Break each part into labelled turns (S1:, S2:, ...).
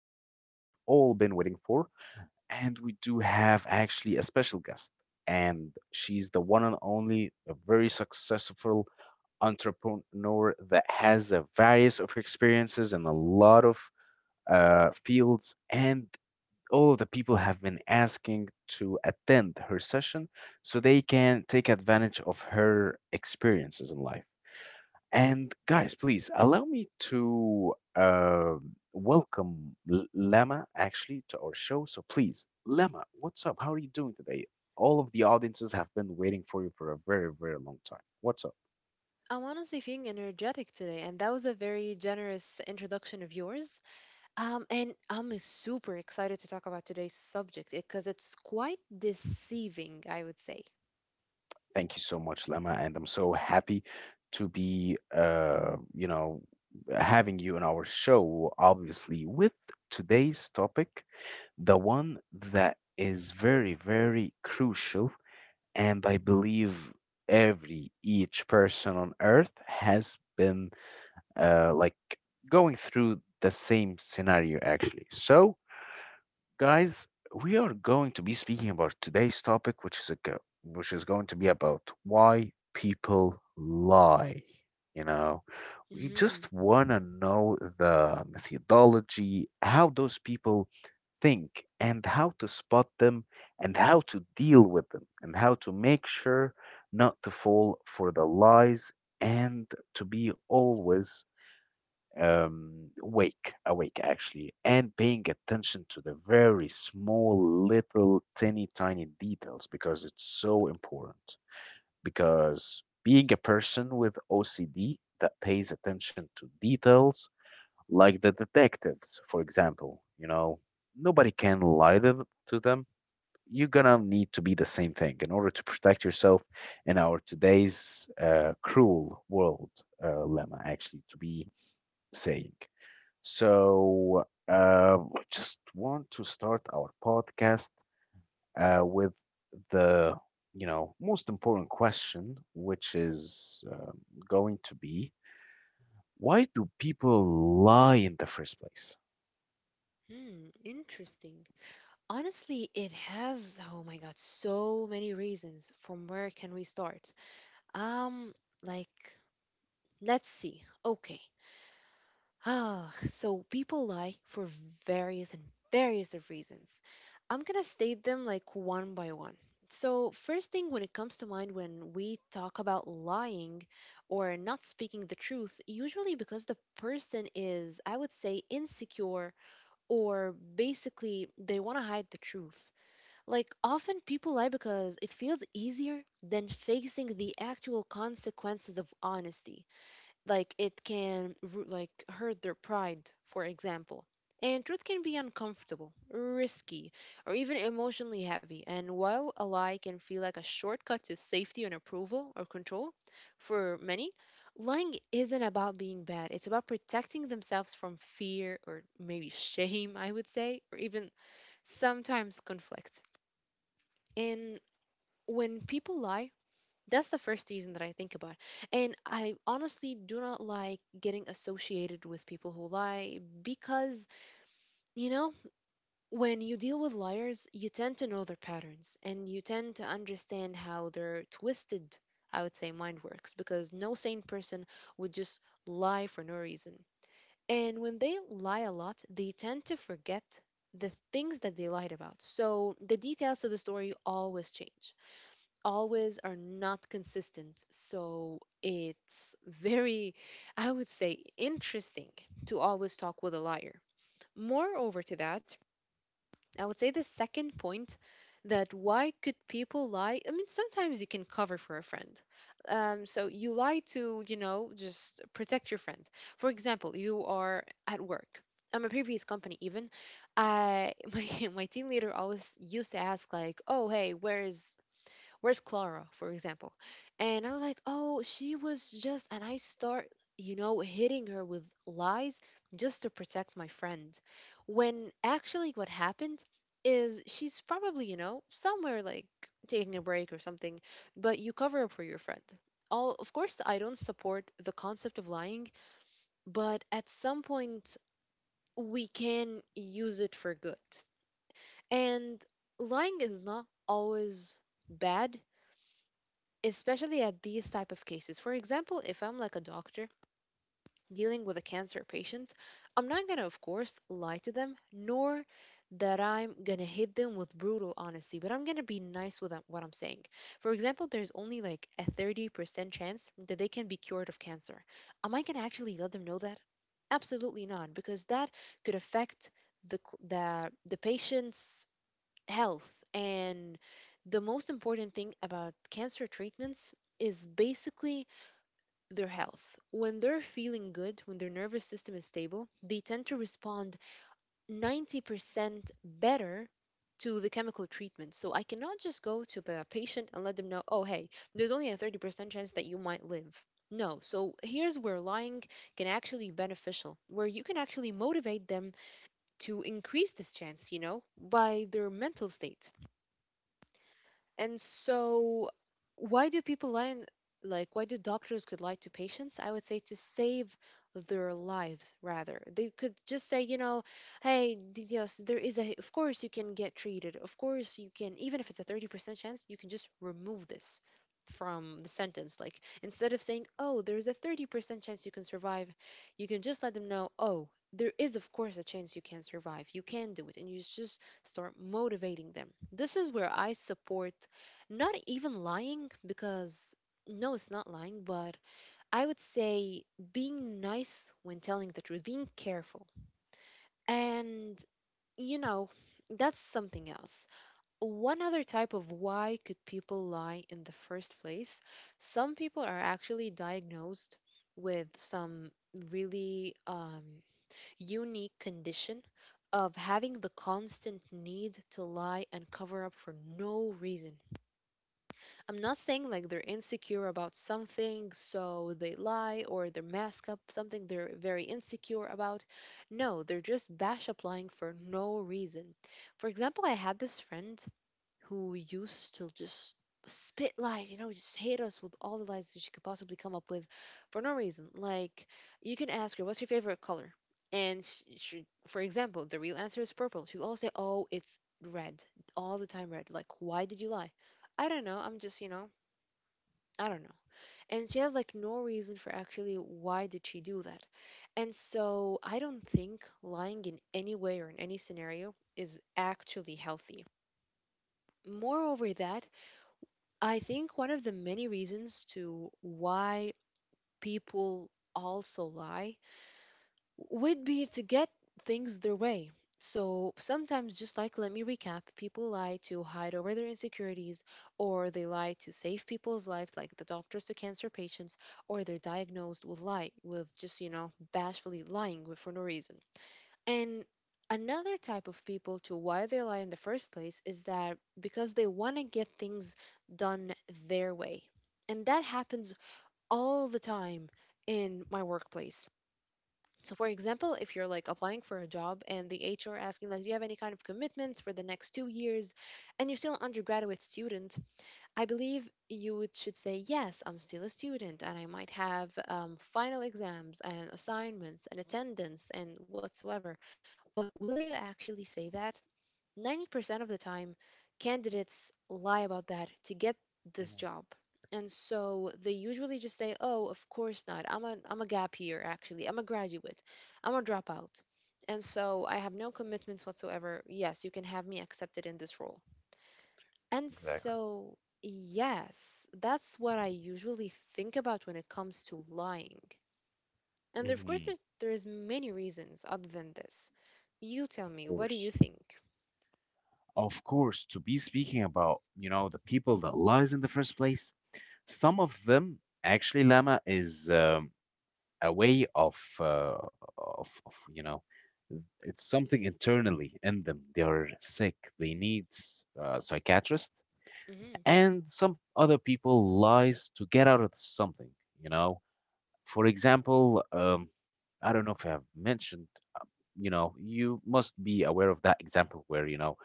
S1: the one that we've all been waiting for. And we do have actually a special guest, and she's the one and only, a very successful entrepreneur that has a various of experiences in a lot of fields, and all of the people have been asking to attend her session so they can take advantage of her experiences in life. And guys, please allow me to welcome Lama actually to our show. So please, Lama, what's up? How are you doing today? All of the audiences have been waiting for you for a very, very long time. What's up?
S2: I'm honestly feeling energetic today, and that was a very generous introduction of yours. And I'm super excited to talk about today's subject because it's quite deceiving, I would say.
S1: Thank you so much, Lama, and I'm so happy to be, you know, having you on our show. Obviously, with today's topic, the one that is very, very crucial, and I believe every each person on earth has been like going through the same scenario actually. So, guys, we are going to be speaking about today's topic, which is which is going to be about why people lie. You know, we
S2: Hmm.
S1: just want to know the methodology, how those people think, and how to spot them, and how to deal with them, and how to make sure not to fall for the lies, and to be always awake, awake actually, and paying attention to the very small, little, tiny, tiny details because it's so important. Because being a person with OCD that pays attention to details like the detectives, for example. You know, nobody can lie to them. You're gonna need to be the same thing in order to protect yourself in our today's cruel world, Lemma, actually, to be saying. So, I just want to start our podcast with the you know most important question, which is going to be why do people lie in the first place?
S2: Hmm, interesting. Honestly, it has, oh my God, so many reasons. From where can we start? Um, like, let's see. Okay. Oh, so people lie for various and various of reasons. I'm gonna state them like one by one. So, first thing when it comes to mind when we talk about lying or not speaking the truth, usually because the person is, I would say, insecure, or basically they want to hide the truth. Like, often people lie because it feels easier than facing the actual consequences of honesty. Like it can like hurt their pride, for example, and truth can be uncomfortable, risky, or even emotionally heavy. And while a lie can feel like a shortcut to safety and approval or control, for many, lying isn't about being bad, it's about protecting themselves from fear, or maybe shame, I would say, or even sometimes conflict. And when people lie, that's the first reason that I think about. And I honestly do not like getting associated with people who lie because, you know, when you deal with liars, you tend to know their patterns and you tend to understand how their twisted, I would say, mind works, because no sane person would just lie for no reason. And when they lie a lot, they tend to forget the things that they lied about. So the details of the story always change, always are not consistent. So it's very, I would say, interesting to always talk with a liar. Moreover to that, I would say the second point, that why could people lie? I mean, sometimes you can cover for a friend. So you lie to, you know, just protect your friend. For example, you are at work. At my previous company, even, I my team leader always used to ask like, "Oh, hey, where is where's Clara, for example?" And I was like, oh, she was just, and I start, you know, hitting her with lies just to protect my friend. When actually what happened is she's probably, you know, somewhere like taking a break or something, but you cover up for your friend. All, of course, I don't support the concept of lying, but at some point we can use it for good. And lying is not always bad, especially at these type of cases. For example, if I'm like a doctor dealing with a cancer patient, I'm not going to, of course, lie to them, nor that I'm going to hit them with brutal honesty, but I'm going to be nice with what I'm saying. For example, there's only like a 30% chance that they can be cured of cancer. Am I going to actually let them know that? Absolutely not, because that could affect the, cl- the patient's health. And the most important thing about cancer treatments is basically their health. When they're feeling good, when their nervous system is stable, they tend to respond 90% better to the chemical treatment. So I cannot just go to the patient and let them know, oh, hey, there's only a 30% chance that you might live. No, so here's where lying can actually be beneficial, where you can actually motivate them to increase this chance, you know, by their mental state. And so, why do people lie? In- Like, why do doctors could lie to patients? I would say to save their lives, rather. They could just say, you know, hey, yes, there is a. Of course, you can get treated. Of course, you can. Even if it's a 30% chance, you can just remove this from the sentence. Like, instead of saying, oh, there is a 30% chance you can survive, you can just let them know, oh. There is, of course, a chance you can survive. You can do it. And you just start motivating them. This is where I support not even lying, because no, it's not lying, but I would say being nice when telling the truth, being careful, and, you know, that's something else. One other type of why could people lie in the first place, some people are actually diagnosed with some really unique condition of having the constant need to lie and cover up for no reason. I'm not saying like they're insecure about something, so they lie or they mask up something they're very insecure about. No, they're just bash applying for no reason. For example, I had this friend who used to just spit lies, you know, just hate us with all the lies that she could possibly come up with for no reason. Like, you can ask her, what's your favorite color? And for example, the real answer is purple. She'll always say, oh, it's red, all the time red. Like, why did you lie? I don't know. I'm just, you know, I don't know. And she has like no reason for actually why did she do that. And so I don't think lying in any way or in any scenario is actually healthy. Moreover that, I think one of the many reasons to why people also lie would be to get things their way. So sometimes, just like let me recap, people lie to hide over their insecurities, or they lie to save people's lives, like the doctors to cancer patients, or they're diagnosed with lie, with just, you know, for no reason. And another type of people to why they lie in the first place is that because they want to get things done their way. And that happens all the time in my workplace. So, for example, if you're like applying for a job and the HR asking, like, do you have any kind of commitments for the next 2 years and you're still an undergraduate student, I believe you would, should say, yes, I'm still a student and I might have final exams and assignments and attendance and whatsoever. But will you actually say that? 90% of the time, candidates lie about that to get this
S1: Mhm.
S2: job. And so they usually just say, "Oh, of course not. I'm a gap year actually. I'm a graduate. I'm a dropout." And so I have no commitments whatsoever. Yes, you can have me accepted in this role. And
S1: Exactly.
S2: so, yes, that's what I usually think about when it comes to lying. And of course,
S1: Mhm.
S2: there's many reasons other than this. You tell
S1: Of
S2: me, what do
S1: course.
S2: you think?
S1: Of course, to be speaking about, you know, the people that lies in the first place, some of them actually, Lama, is a way of, of you know, it's something internally in them. They are sick. They need a psychiatrist.
S2: Hmm.
S1: And some other people lies to get out of something, you know. For example, I don't know if I have mentioned, uh, you know, you must be aware of that example where, you know,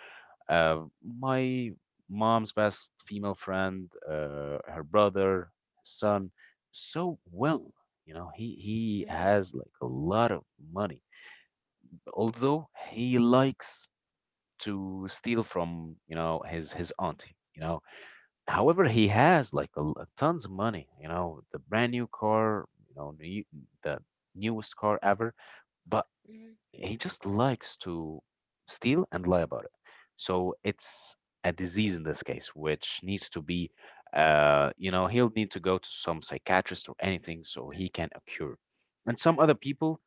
S1: uh, my mom's best female friend, her brother, son, so well, you know, he has like a lot of money, although he likes to steal from, you know, his auntie. You know, however, he has like tons of money, you know, the brand new car, you know, new, the newest car ever, but
S2: Hmm.
S1: he just likes to steal and lie about it. So it's a disease in this case, which needs to be, you know, he'll need to go to some psychiatrist or anything so he can cure. And some other people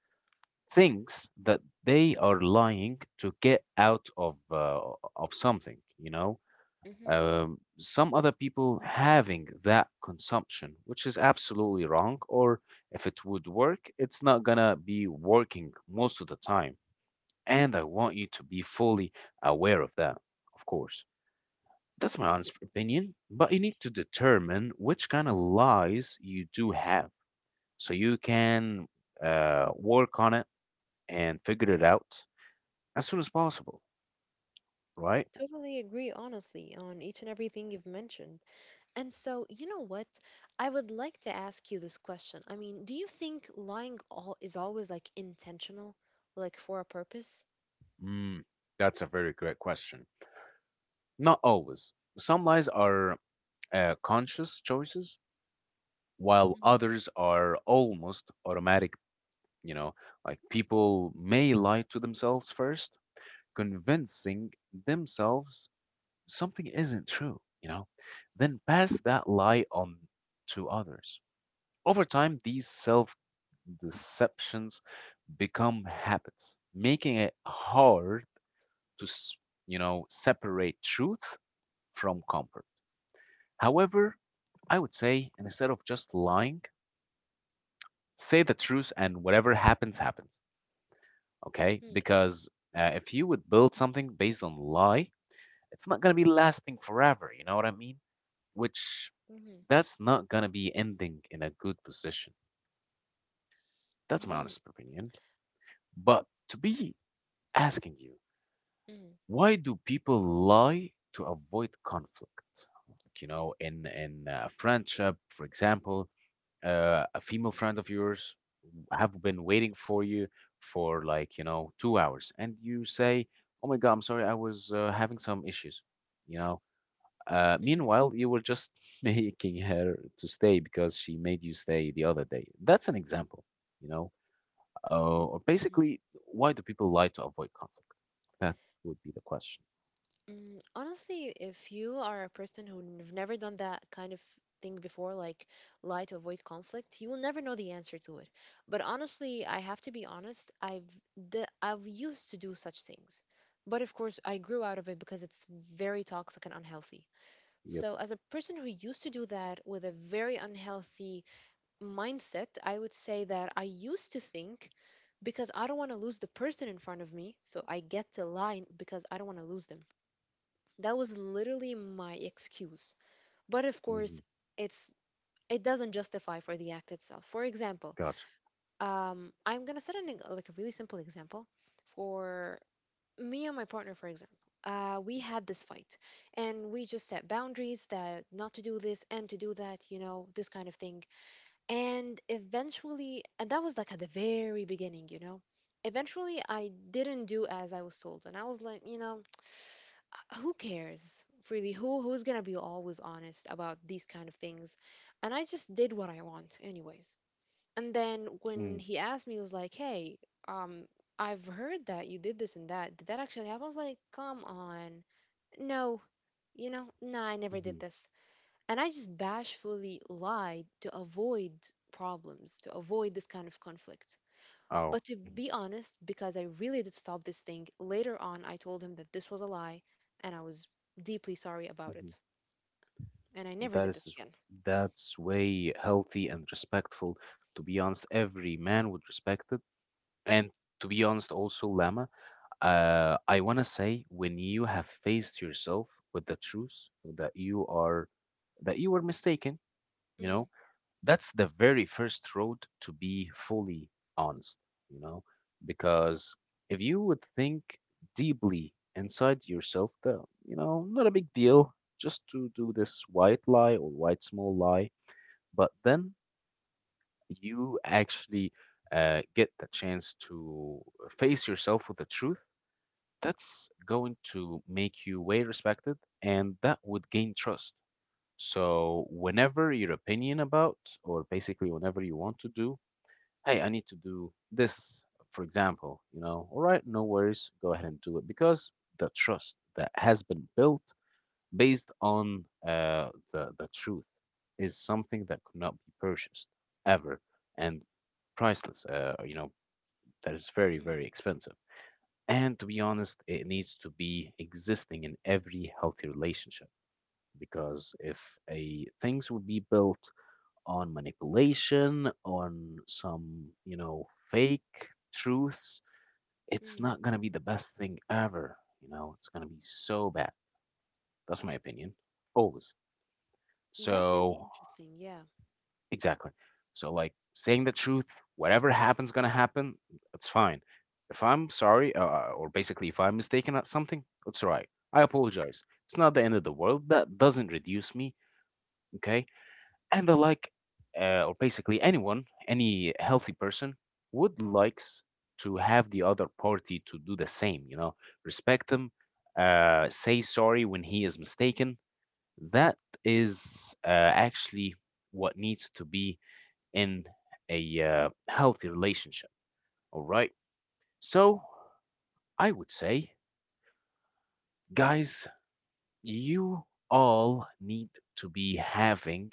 S1: thinks that they are lying to get out of something, you know,
S2: Hmm.
S1: some other people having that consumption, which is absolutely wrong. Or if it would work, it's not gonna be working most of the time. And I want you to be fully aware of that, of course. That's my honest
S2: Hmm.
S1: opinion, but you need to determine which kind of lies you do have, so you can work on it and figure it out as soon as possible, right?
S2: Totally agree, honestly, on each and everything you've mentioned. And so, you know what? I would like to ask you this question. I mean, do you think lying all is always like intentional, like for a purpose?
S1: Mm, that's a very great question. Not always. Some lies are conscious choices, while others are almost automatic. You know, like people may lie to themselves first, convincing themselves something isn't true, you know, then pass that lie on to others. Over time, these self deceptions become habits, making it hard to, you know, separate truth from comfort. However, I would say instead of just lying, say the truth and whatever happens happens, okay?
S2: Mm-hmm.
S1: Because if you would build something based on lie, it's not going to be lasting forever, you know what I mean, which that's not going to be ending in a good position. That's my
S2: Mm-hmm.
S1: honest opinion, but to be asking you,
S2: Mm-hmm.
S1: why do people lie to avoid conflict? Like, you know, in a friendship, for example, a female friend of yours have been waiting for you for like, you know, 2 hours. And you say, oh my God, I'm sorry, I was having some issues, you know. Meanwhile, you were just making her to stay because she made you stay the other day. That's an example, you know. Or
S2: Mm-hmm.
S1: basically, why do people lie to avoid conflict? That would be the question.
S2: Mm, honestly, if you are a person who've never done that kind of thing before, like lie to avoid conflict, you will never know the answer to it. But honestly, I have to be honest, I've used to do such things. But of course, I grew out of it because it's very toxic and unhealthy.
S1: Yep.
S2: So, as a person who used to do that with a very unhealthy mindset, I would say that I used to think because I don't want to lose the person in front of me, so I get to lie because I don't want to lose them. That was literally my excuse. But of course,
S1: Hmm.
S2: it's it doesn't justify for the act itself. For example,
S1: Gotcha.
S2: I'm gonna set an like a really simple example for me and my partner. For example, we had this fight, and we just set boundaries that not to do this and to do that. You know, this kind of thing. And eventually, and that was like at the very beginning. You know, eventually I didn't do as I was told, and I was like, you know, who cares, really, who's gonna be always honest about these kind of things? And I just did what I want anyways. And then when
S1: Mm-hmm.
S2: he asked me, he was like, hey, um I've heard that you did this and that, did that actually happen? I was like, come on, no, you know, nah, I never did
S1: Mm-hmm.
S2: this. And I just bashfully lied to avoid problems, to avoid this kind of conflict.
S1: Oh.
S2: But to
S1: Mm-hmm.
S2: be honest, because I really did stop this thing, later on I told him that this was a lie and I was deeply sorry about it.
S1: Mm-hmm.
S2: And I never
S1: That
S2: did this
S1: is,
S2: again.
S1: that's way healthy and respectful. To be honest, every man would respect it. And to be honest, also, Lama, I wanna say when you have faced yourself with the truth that you are that you were mistaken, you
S2: Mm.
S1: know, that's the very first road to be fully honest, you know, because if you would think deeply inside yourself, the you know, not a big deal just to do this white lie or white small lie, but then you actually get the chance to face yourself with the truth. That's going to make you way respected, and that would gain trust. So, whenever your opinion about, or basically whenever you want to do, hey, I need to do this, for example, you know, all right, no worries, go ahead and do it, because the trust that has been built based on the truth is something that could not be purchased ever and priceless, you know, that is very,
S2: Mm.
S1: very expensive. And to be honest, it needs to be existing in every healthy relationship, because if a things would be built on manipulation, on some, you know, fake truths, it's
S2: Mm.
S1: not going to be the best thing ever. You know, it's going to be so bad. That's my opinion, always.
S2: That's really
S1: So,
S2: interesting. Yeah.
S1: exactly. So, like, saying the truth, whatever happens, going to happen, that's fine. If I'm sorry, or basically if I'm mistaken at something, it's all right. I apologize. It's not the end of the world. That doesn't reduce me, okay? And I like, or basically anyone, any healthy person would likes to have the other party to do the same. You know, respect him, say sorry when he is mistaken. That is actually what needs to be in a healthy relationship. All right. So I would say, guys, you all need to be having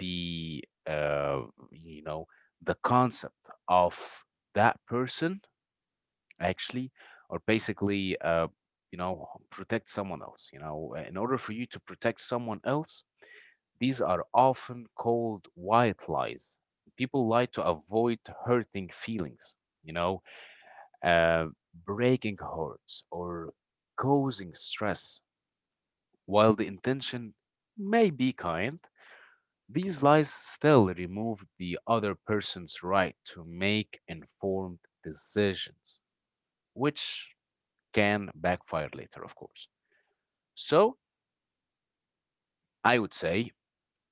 S1: the you know, the concept of that person actually, or basically you know, protect someone else, you know, in order for you to protect someone else. These are often called white lies. People lie to avoid hurting feelings, you know, uh, breaking hearts, or causing stress. While the intention may be kind, these lies still remove the other person's right to make informed decisions, which can backfire later, of course. So I would say,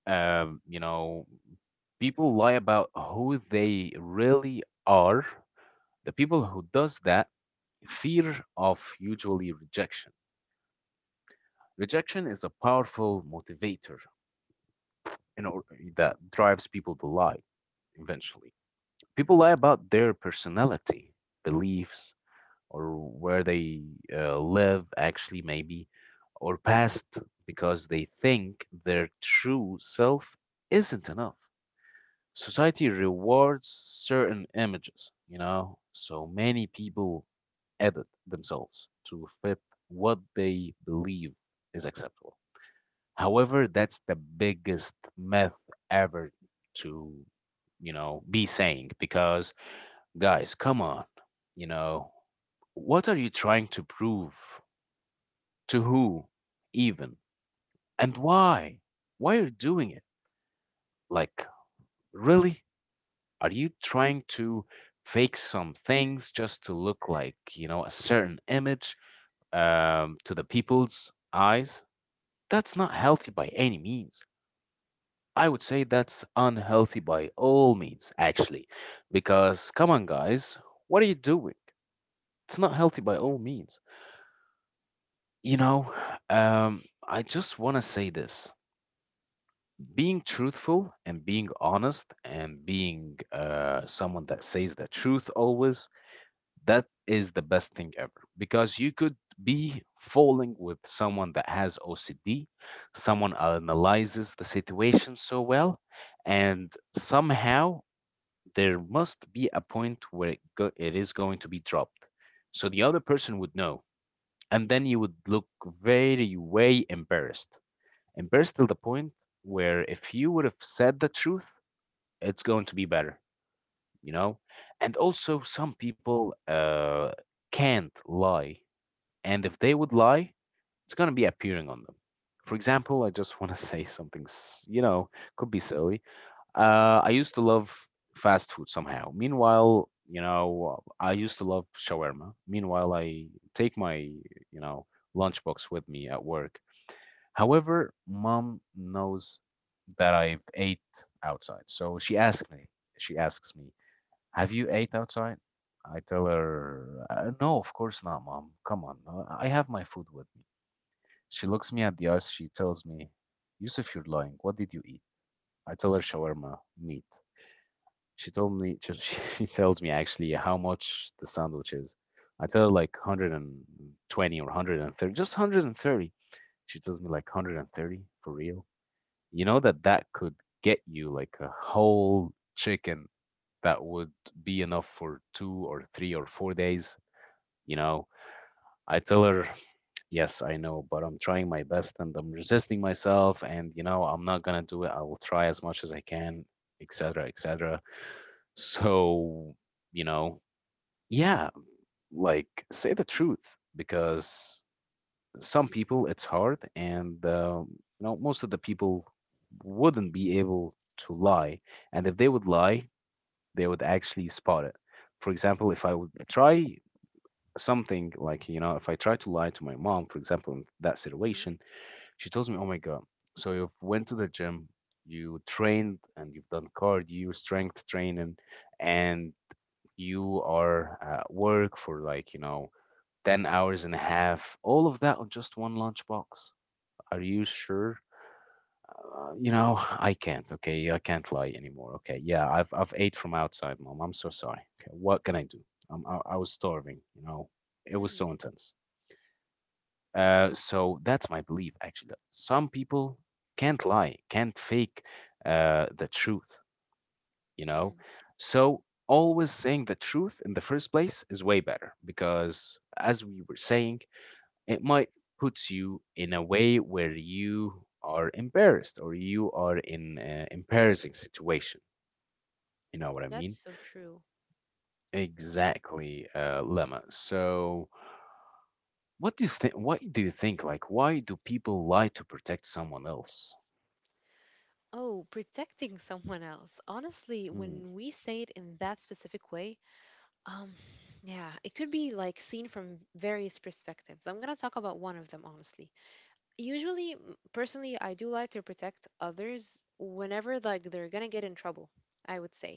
S1: you know, people lie about who they really are. The people who does that fear of usually rejection. Rejection is a powerful motivator in or- that drives people to lie eventually. People lie about their personality, beliefs, or where they live, actually, maybe, or past, because they think their true self isn't enough. Society rewards certain images, you know, so many people edit themselves to fit what they believe is acceptable. However, that's the biggest myth ever to, you know, be saying, because guys, come on. You know, what are you trying to prove? To who, even? And why? Why are you doing it? Like, really? Are you trying to fake some things just to look like, you know, a certain image to the people's eyes? That's not healthy by any means. I would say that's unhealthy by all means, actually. Because, come on, guys, what are you doing? It's not healthy by all means. You know, I just want to say this, being truthful and being honest and being someone that says the truth always, that is the best thing ever. Because you could be falling with someone that has OCD, someone analyzes the situation so well, and somehow there must be a point where it is going to be dropped. So the other person would know. And then you would look very, way embarrassed and burst till the point where if you would have said the truth, it's going to be better, you know? And also, some people can't lie. And if they would lie, it's going to be appearing on them. For example, I just want to say something, you know, could be silly. I used to love fast food somehow. Meanwhile, you know, I used to love shawarma. Meanwhile, I take my, lunchbox with me at work. However, mom knows that I've ate outside. So she asks me, "Have you ate outside?" I tell her, "No, of course not, mom. Come on. I have my food with me." She looks me at the eyes. She tells me, "Yusuf, you're lying. What did you eat?" I tell her shawarma, meat. She told me she, she tells me actually how much the sandwich is. I tell her like 120 or 130, just 130. She tells me like 130 for real. You know that that could get you like a whole chicken that would be enough for 2 or 3 or 4 days. You know, I tell her, yes, I know, but I'm trying my best and I'm resisting myself, and you know, I'm not gonna do it. I will try as much as I can, etc., etc. So, you know, yeah, like say the truth because some people it's hard, and most of the people wouldn't be able to lie, and if they would lie, they would actually spot it. For example, if I would try something, like, if I try to lie to my mom, for example, in that
S2: Mm.
S1: situation, she tells me, oh my God, so you went to the gym, you trained, and you've done cardio strength training, and you are at work for, like, 10 hours and a half, all of that on just one lunchbox. Are you sure? I can't. Okay, I can't lie anymore. Okay, yeah, I've ate from outside, mom. I'm so sorry. Okay, what can I do? I was starving. It was
S2: Mm.
S1: so intense. So that's my belief actually. That some people can't lie, can't fake the truth. You know,
S2: Mm.
S1: so always saying the truth in the first place is way better because, as we were saying, it might put you in a way where you are embarrassed or you are in an embarrassing situation. You know what I
S2: That's
S1: mean?
S2: so true.
S1: Exactly, Lemma. So, what do you think? Why do you think? Like, why do people lie to protect someone else?
S2: Oh, protecting someone else. Honestly,
S1: Mm.
S2: when we say it in that specific way, um, yeah, it could be like seen from various perspectives. I'm gonna talk about one of them, honestly. Usually personally, I do like to protect others whenever, like, they're gonna get in trouble, I would say.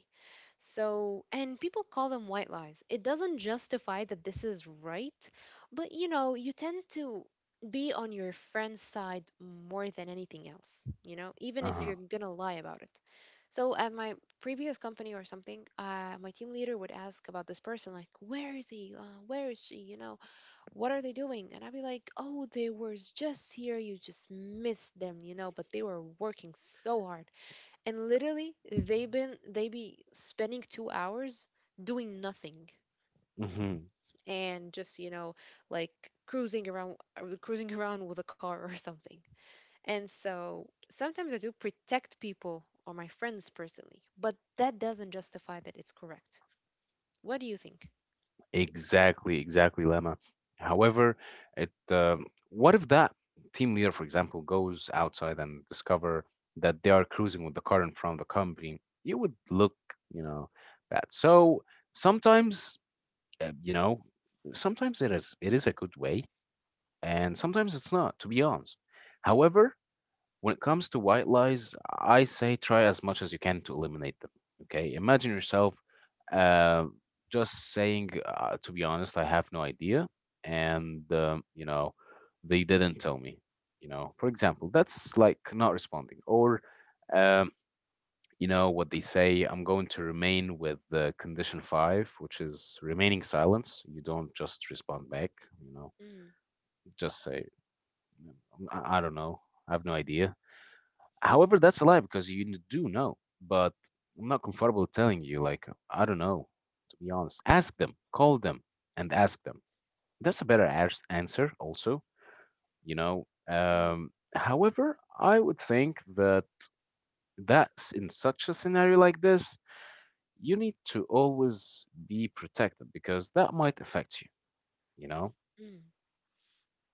S2: So and people call them white lies. It doesn't justify that this is right, but you know, you tend to be on your friend's side more than anything else, you know, even if
S1: Uh-huh.
S2: you're gonna lie about it. So at my previous company or something, my team leader would ask about this person, like, where is he, where is she, what are they doing? And I'd be like, oh, they were just here. You just missed them, but they were working so hard. And literally, they be spending 2 hours doing nothing
S1: Mm-hmm.
S2: and just, like cruising around, cruising around with a car or something. And so sometimes I do protect people or my friends personally, but that doesn't justify that it's correct. What do you think?
S1: Exactly, exactly, Lama. However, it what if that team leader, for example, goes outside and discover that they are cruising with the car in front of the company? It would look, you know, bad. So sometimes, uh, you know, sometimes it is a good way, and sometimes it's not. To be honest, however. When it comes to white lies, I say try as much as you can to eliminate them. Okay, imagine
S2: Mm,
S1: yourself uh, just saying, to be honest, I have no idea, and they didn't tell me. For example, that's like not responding, or um, you know what they say. I'm going to remain with the condition five, which is remaining silence. You don't just respond back. You know, just say, I don't know. I have no idea. However, that's a lie because you do know, but I'm not comfortable telling you. Like, I don't know, to be honest. Ask them, call them, and ask them. That's a better answer, also.
S2: mm, mm,
S1: However, I would think that that's, in such a scenario like this, you need to always be protected because that might affect you, you know.
S2: mm.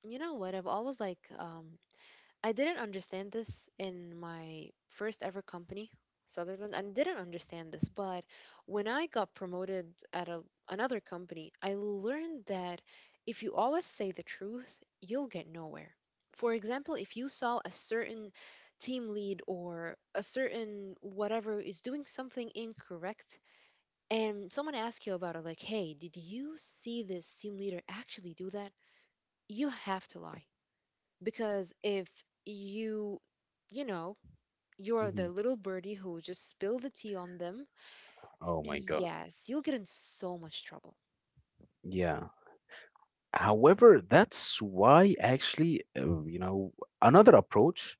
S2: You know what? I've always I didn't understand this in my first ever company, Sutherland, and didn't understand this. But when I got promoted at another company, I learned that if you always say the truth, you'll get nowhere. For example, if you saw a certain team lead or a certain whatever is doing something incorrect, and someone asks you about it, like, hey, did you see this team leader actually do that? You have to lie because if you you know you're
S1: Hmm.
S2: the little birdie who just spilled the tea on them.
S1: Oh my God.
S2: Yes, you'll get in so much trouble.
S1: Yeah. However, that's why, actually, another approach,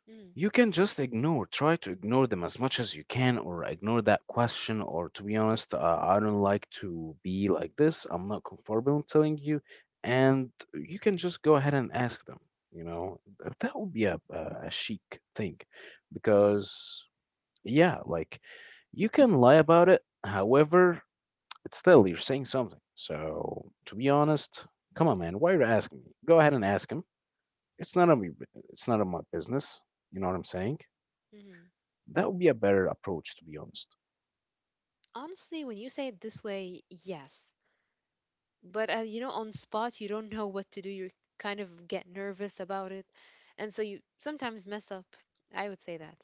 S2: Mm,
S1: you can just ignore try to ignore them as much as you can, or ignore that question, or to be honest, I don't like to be like this, I'm not comfortable in telling you, and you can just go ahead and ask them, you know. That would be a chic thing,
S2: mm,
S1: because, yeah, like, you can lie about it, however it's still you're saying something, so to be honest, come on man, why are you asking me? Go ahead and ask him. It's not of me, it's not of my business. You know what I'm saying.
S2: mm.
S1: That would be a better approach, to be honest.
S2: Honestly, when you say it this way, yes, but you know, on spot, you don't know what to do. You kind of get nervous about it, and so you sometimes mess up, I would say that.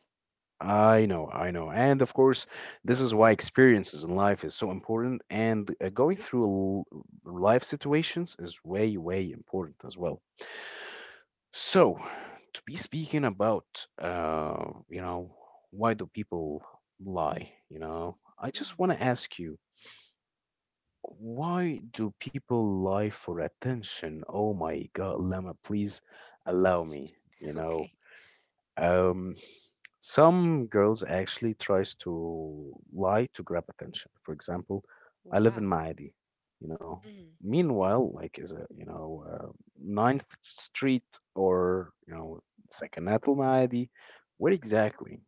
S1: I know, I know. And of course, this is why experiences in life is so important. And going through life situations is way, way important as well. So, to be speaking about, you know, why do people lie? I just
S2: Mm.
S1: want to ask you, why do people lie for attention? Oh my God, Lama, please allow me, you know.
S2: Okay.
S1: Um, some girls actually tries to lie to grab attention. For example, I live in
S2: Wow.
S1: Maadi, you know.
S2: Mm,
S1: Meanwhile, like is a you know Ninth Street, or Sakinat al Maadi, where exactly?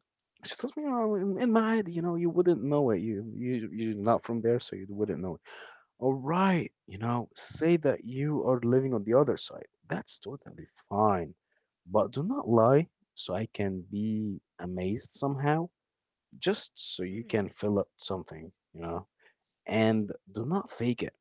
S1: She tells me, in Maadi, you wouldn't know it. You're not from there, so you wouldn't know. All right, say that you are living on the other side. That's totally fine. But do not lie so I can be amazed somehow, just so you
S2: mm,
S1: can fill up something, you know? And do not fake it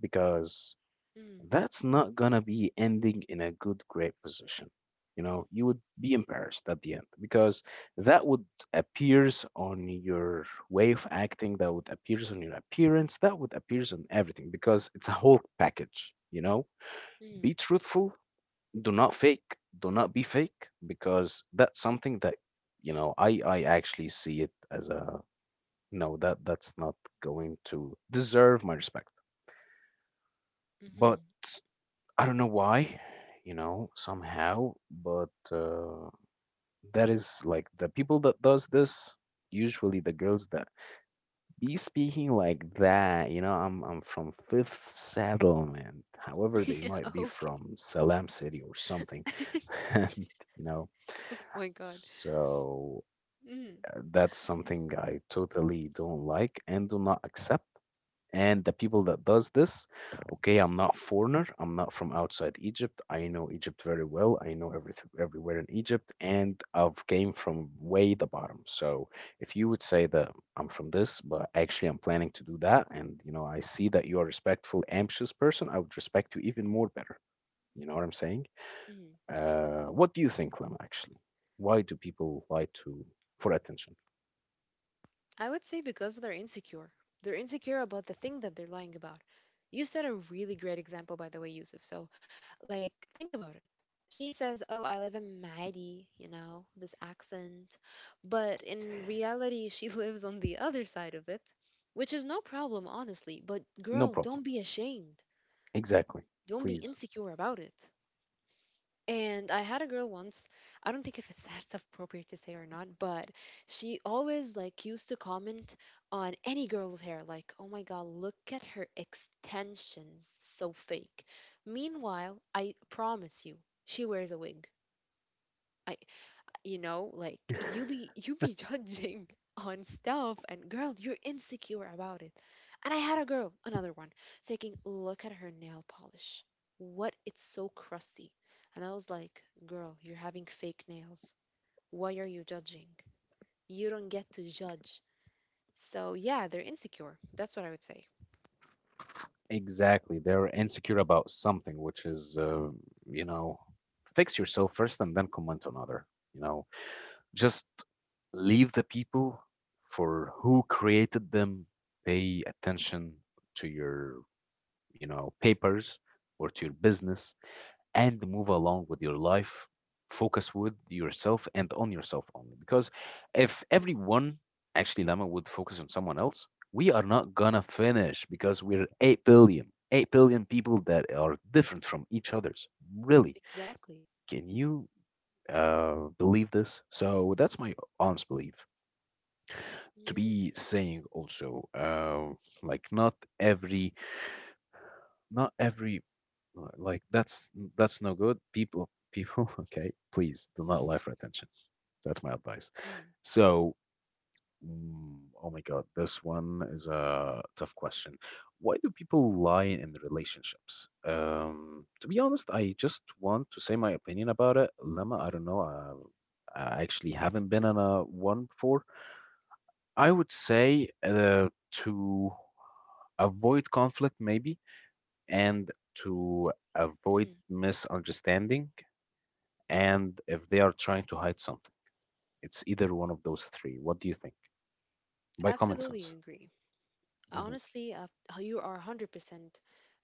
S1: because
S2: mm,
S1: that's not gonna be ending in a good, great position. You would be embarrassed at the end because that would appears on your way of acting, that would appears on your appearance, that would appears on everything because it's a whole package. You know,
S2: mm,
S1: be truthful, do not fake, do not be fake, because that's something that, I actually see it as a, no, that that's not going to deserve my respect.
S2: mm.
S1: But I don't know why, somehow, but that is like the people that does this, usually the girls that be speaking like that, I'm from Fifth Settlement, however they might be
S2: Okay.
S1: from Salam City or something. And, you know,
S2: My god.
S1: so
S2: Mm,
S1: uh, that's something I totally don't like and do not accept. And the people that does this, okay, I'm not foreigner, I'm not from outside Egypt, I know Egypt very well, I know everything everywhere in Egypt, and I've came from way the bottom. So if you would say that I'm from this but actually I'm planning to do that, and I see that you're a respectful ambitious person, I would respect you even more better. You know what I'm saying?
S2: mm.
S1: What do you think, Lem? Actually, why do people lie to for attention?
S2: I would say because they're insecure. They're insecure about the thing that they're lying about. You set a really great example, by the way, Yusuf. So, like, think about it. She says, oh, I live in Mahdi, you know, this accent. But in reality, she lives on the other side of it, which is no problem, honestly. But,
S1: No
S2: girl, don't
S1: problem.
S2: be ashamed.
S1: Exactly.
S2: Don't be
S1: Please.
S2: insecure about it. And I had a girl once. I don't think if it's that's appropriate to say or not, but she always used to comment on any girl's hair, like, "Oh my God, look at her extensions, so fake." Meanwhile, I promise you, she wears a wig. I You know, like, you be judging on stuff, and girl, you're insecure about it. And I had a girl, another one, taking look at her nail polish. What, it's so crusty. And I was like, girl, you're having fake nails, why are you judging? You don't get to judge. So yeah, they're insecure, that's what I would say.
S1: Exactly. They're insecure about something, which is, you know, fix yourself first and then comment on other. You know, just leave the people for who created them. Pay attention to your, papers, or to your business, and move along with your life. Focus with yourself and on yourself only. Because if
S2: Mm,
S1: everyone, actually, Lama, would focus on someone else, we are not gonna finish because we're 8 billion, 8 billion people that are different from each other's. Really.
S2: exactly.
S1: Can you believe this? So that's my honest belief. To
S2: Mm,
S1: be saying also, like, not every Not every like that's no good. People okay, please do not lie for attention. That's my advice.
S2: mm,
S1: So, oh my God, this one is a tough question. Why do people lie in relationships? To be honest, I just want to say my opinion about it. Lemma, I
S2: mm,
S1: don't know. I actually haven't been on a one before. I would say, to avoid conflict, maybe, and to avoid
S2: mm.
S1: misunderstanding, and if they are trying to hide something. It's either one of those three. What do you think? By common
S2: Absolutely
S1: sense.
S2: agree.
S1: Hmm.
S2: Honestly, you are 100%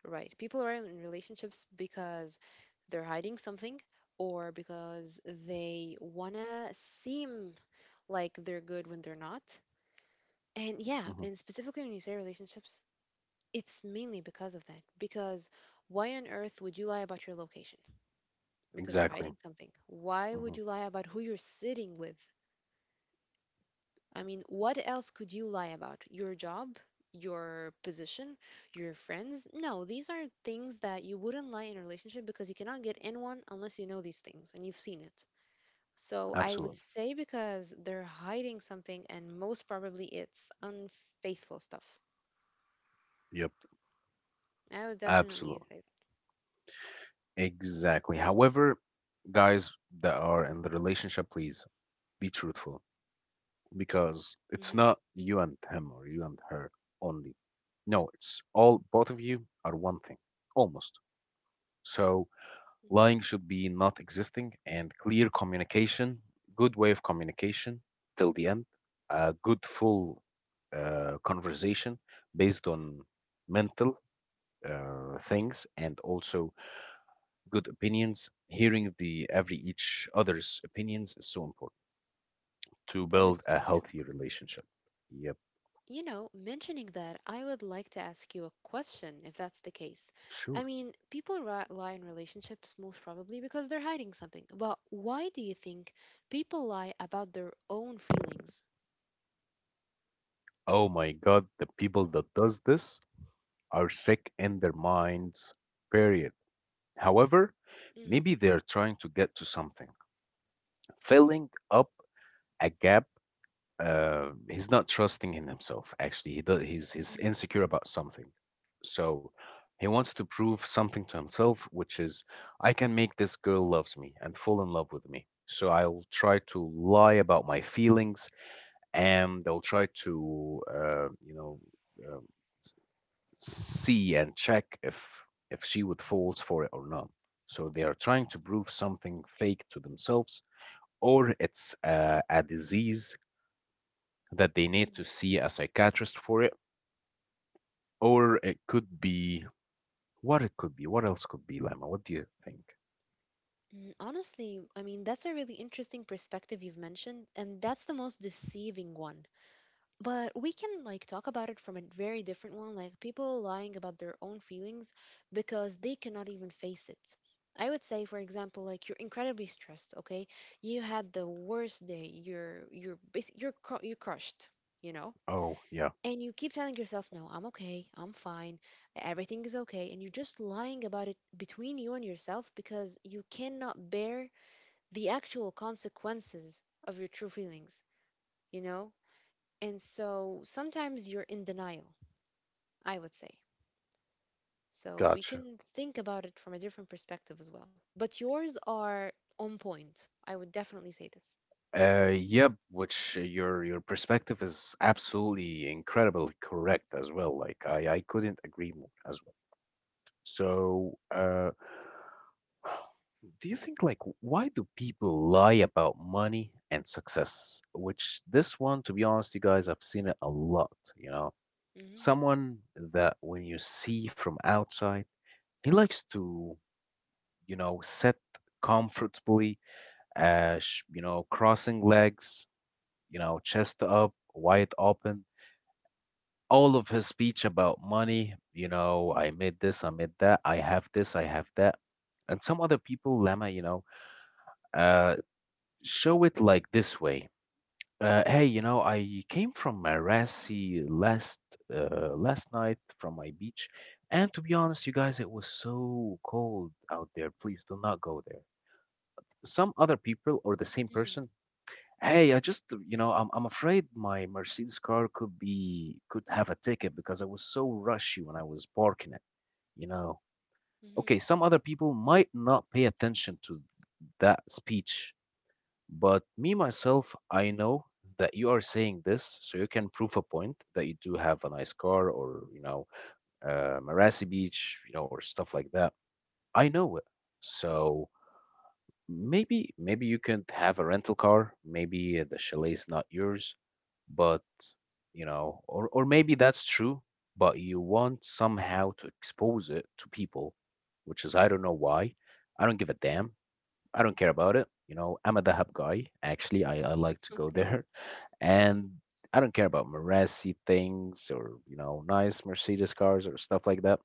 S2: right. People are in relationships because they're hiding something or because they want to seem like they're good when they're not. And yeah,
S1: Hmm.
S2: and specifically when you say relationships, it's mainly because of that. Because why on earth would you lie about your location? Because you're
S1: Exactly.
S2: hiding something. Why would
S1: Hmm.
S2: you lie about who you're sitting with? I mean, what else could you lie about? Your job, your position, your friends? No, these are things that you wouldn't lie in a relationship because you cannot get in one unless you know these things and you've seen it. So I would
S1: Absolutely.
S2: say because they're hiding something and most probably it's unfaithful stuff.
S1: Yep.
S2: I would definitely
S1: Absolutely.
S2: say
S1: Exactly. However, guys that are in the relationship, please be truthful, because
S2: that.
S1: it's
S2: Mhm,
S1: not you and him or you and her only. No, it's all, both of you are one thing, almost. So
S2: mhm.
S1: lying should be not existing, and clear communication, good way of communication till the end, a good full conversation based on mental things, and also good opinions. Hearing the every each other's opinions is so important to
S2: That
S1: build
S2: is
S1: a
S2: so true.
S1: healthy relationship. Yep,
S2: You know, mentioning that, I would like to ask you a question if that's the case. I
S1: sure.
S2: mean, people lie in relationships most probably because they're hiding something. But why do you think people lie about their own feelings?
S1: Oh my God, the people that does this are sick in their minds. Period. However,
S2: Mm,
S1: maybe they're trying to get to something, filling up a gap. He's not trusting in himself. Actually, he does, he's
S2: mm,
S1: insecure about something, so he wants to prove something to himself, which is, I can make this girl loves me and fall in love with me. So I'll try to lie about my feelings, and I'll try to, uh, see and check if she would fall for it or not. So they are trying to prove something fake to themselves, or it's a disease that they need
S2: mm.
S1: to see a psychiatrist for it, or it could be what it could be. What else could be, Lama? What do you think?
S2: Mm, honestly, I mean, that's a really interesting perspective you've mentioned, and that's the most deceiving one. But we can, like, talk about it from a very different one, like people lying about their own feelings because they cannot even face it. I would say, for example, like, you're incredibly stressed, okay? You had the worst day. You're you're crushed, you know?
S1: Oh, yeah,
S2: And you keep telling yourself, no, I'm okay, I'm fine, everything is okay, and you're just lying about it between you and yourself because you cannot bear the actual consequences of your true feelings, you know? And so sometimes you're in denial, I would say. So we
S1: gotcha.
S2: can think about it from a different perspective as well. But yours are on point. I would definitely say this.
S1: Uh, Yep. Which your perspective is absolutely incredibly correct as well. Like I couldn't agree more as well. So, do you think why do people lie about money and success? Which this one, to be honest, you guys, I've seen it a lot. You know,
S2: Hmm.
S1: someone that when you see from outside, he likes to, you know, sit comfortably, you know, crossing legs, you know, chest up, wide open. All of his speech about money, you know, I made this, I made that, I have this, I have that. And some other people, Lama, you know, uh, show it like this way. Hey, you know, I came from Marassi last night from my beach, and to be honest, you guys, it was so cold out there. Please do not go there. Some other people or the same
S2: Hmm.
S1: person. Hey, I just, you know, I'm afraid my Mercedes car could have a ticket because I was so rushy when I was parking it, you know.
S2: Hmm.
S1: Okay, some other people might not pay attention to that speech, but me, myself, I know that you are saying this so you can prove a point that you do have a nice car or, you know, Marassi Beach, you know, or stuff like that. I know it. So maybe, maybe you can have a rental car. Maybe the chalet's not yours, but, you know, or maybe that's true, but you want somehow to expose it to people, which is, I don't know why. I don't give a damn. I don't care about it. You know, I'm a Dahab guy. Actually, I like to go
S2: Okay.
S1: there. And I don't care about Marassi things or, you know, nice Mercedes cars or stuff like that.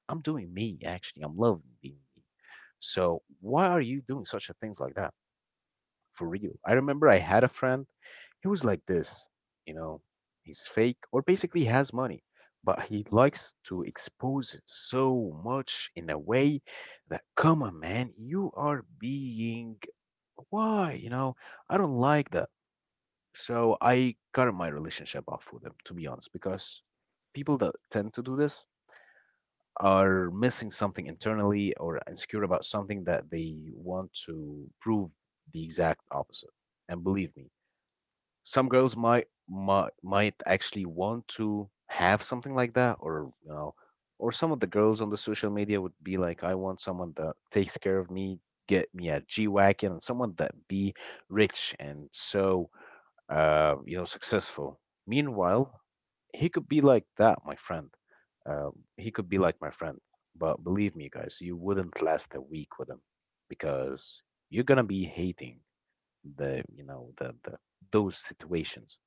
S1: I'm doing me, actually. I'm loving being me. So why are you doing such a things like that? For real. I remember I had a friend. He was like this, you know, he's fake or basically has money. But he
S2: Hmm.
S1: likes to expose it so much in a way that, come on, man, you are being why? You know, I don't like that. So I cut my relationship off with them, to be honest, because people that tend to do this are missing something internally or insecure about something that they want to prove the exact opposite. And believe me, some girls might actually want to have something like that, or you know, or some of the girls on the social media would be like, I want someone that takes care of me, get me a g-wagon, and someone that be rich and so you know successful. Meanwhile, he could be like that, my friend, uh, he could be like my friend but believe me guys, you wouldn't last a week with him because you're gonna be hating the you know the those situations.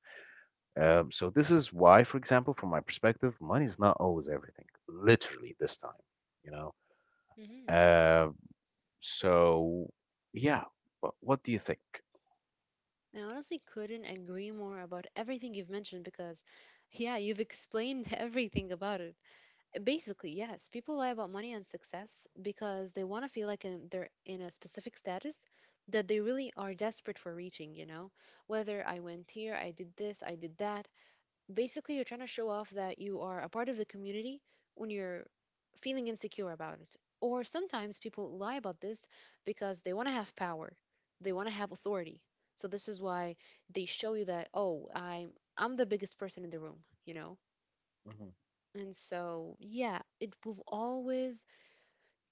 S1: So this is why, for example, from my perspective, money is not always everything. Literally this time, you know.
S2: Hmm.
S1: Uh, so yeah, what do you think?
S2: I honestly couldn't agree more about everything you've mentioned, because, yeah, you've explained everything about it. Basically, yes. People lie about money and success because they want to feel like they're in a specific status that they really are desperate for reaching, you know? Whether I went here, I did this, I did that. Basically, you're trying to show off that you are a part of the community when you're feeling insecure about it. Or sometimes people lie about this because they want to have power, they want to have authority. So this is why they show you that, oh, I'm the biggest person in the room, you know?
S1: Mhm.
S2: And so, yeah, it will always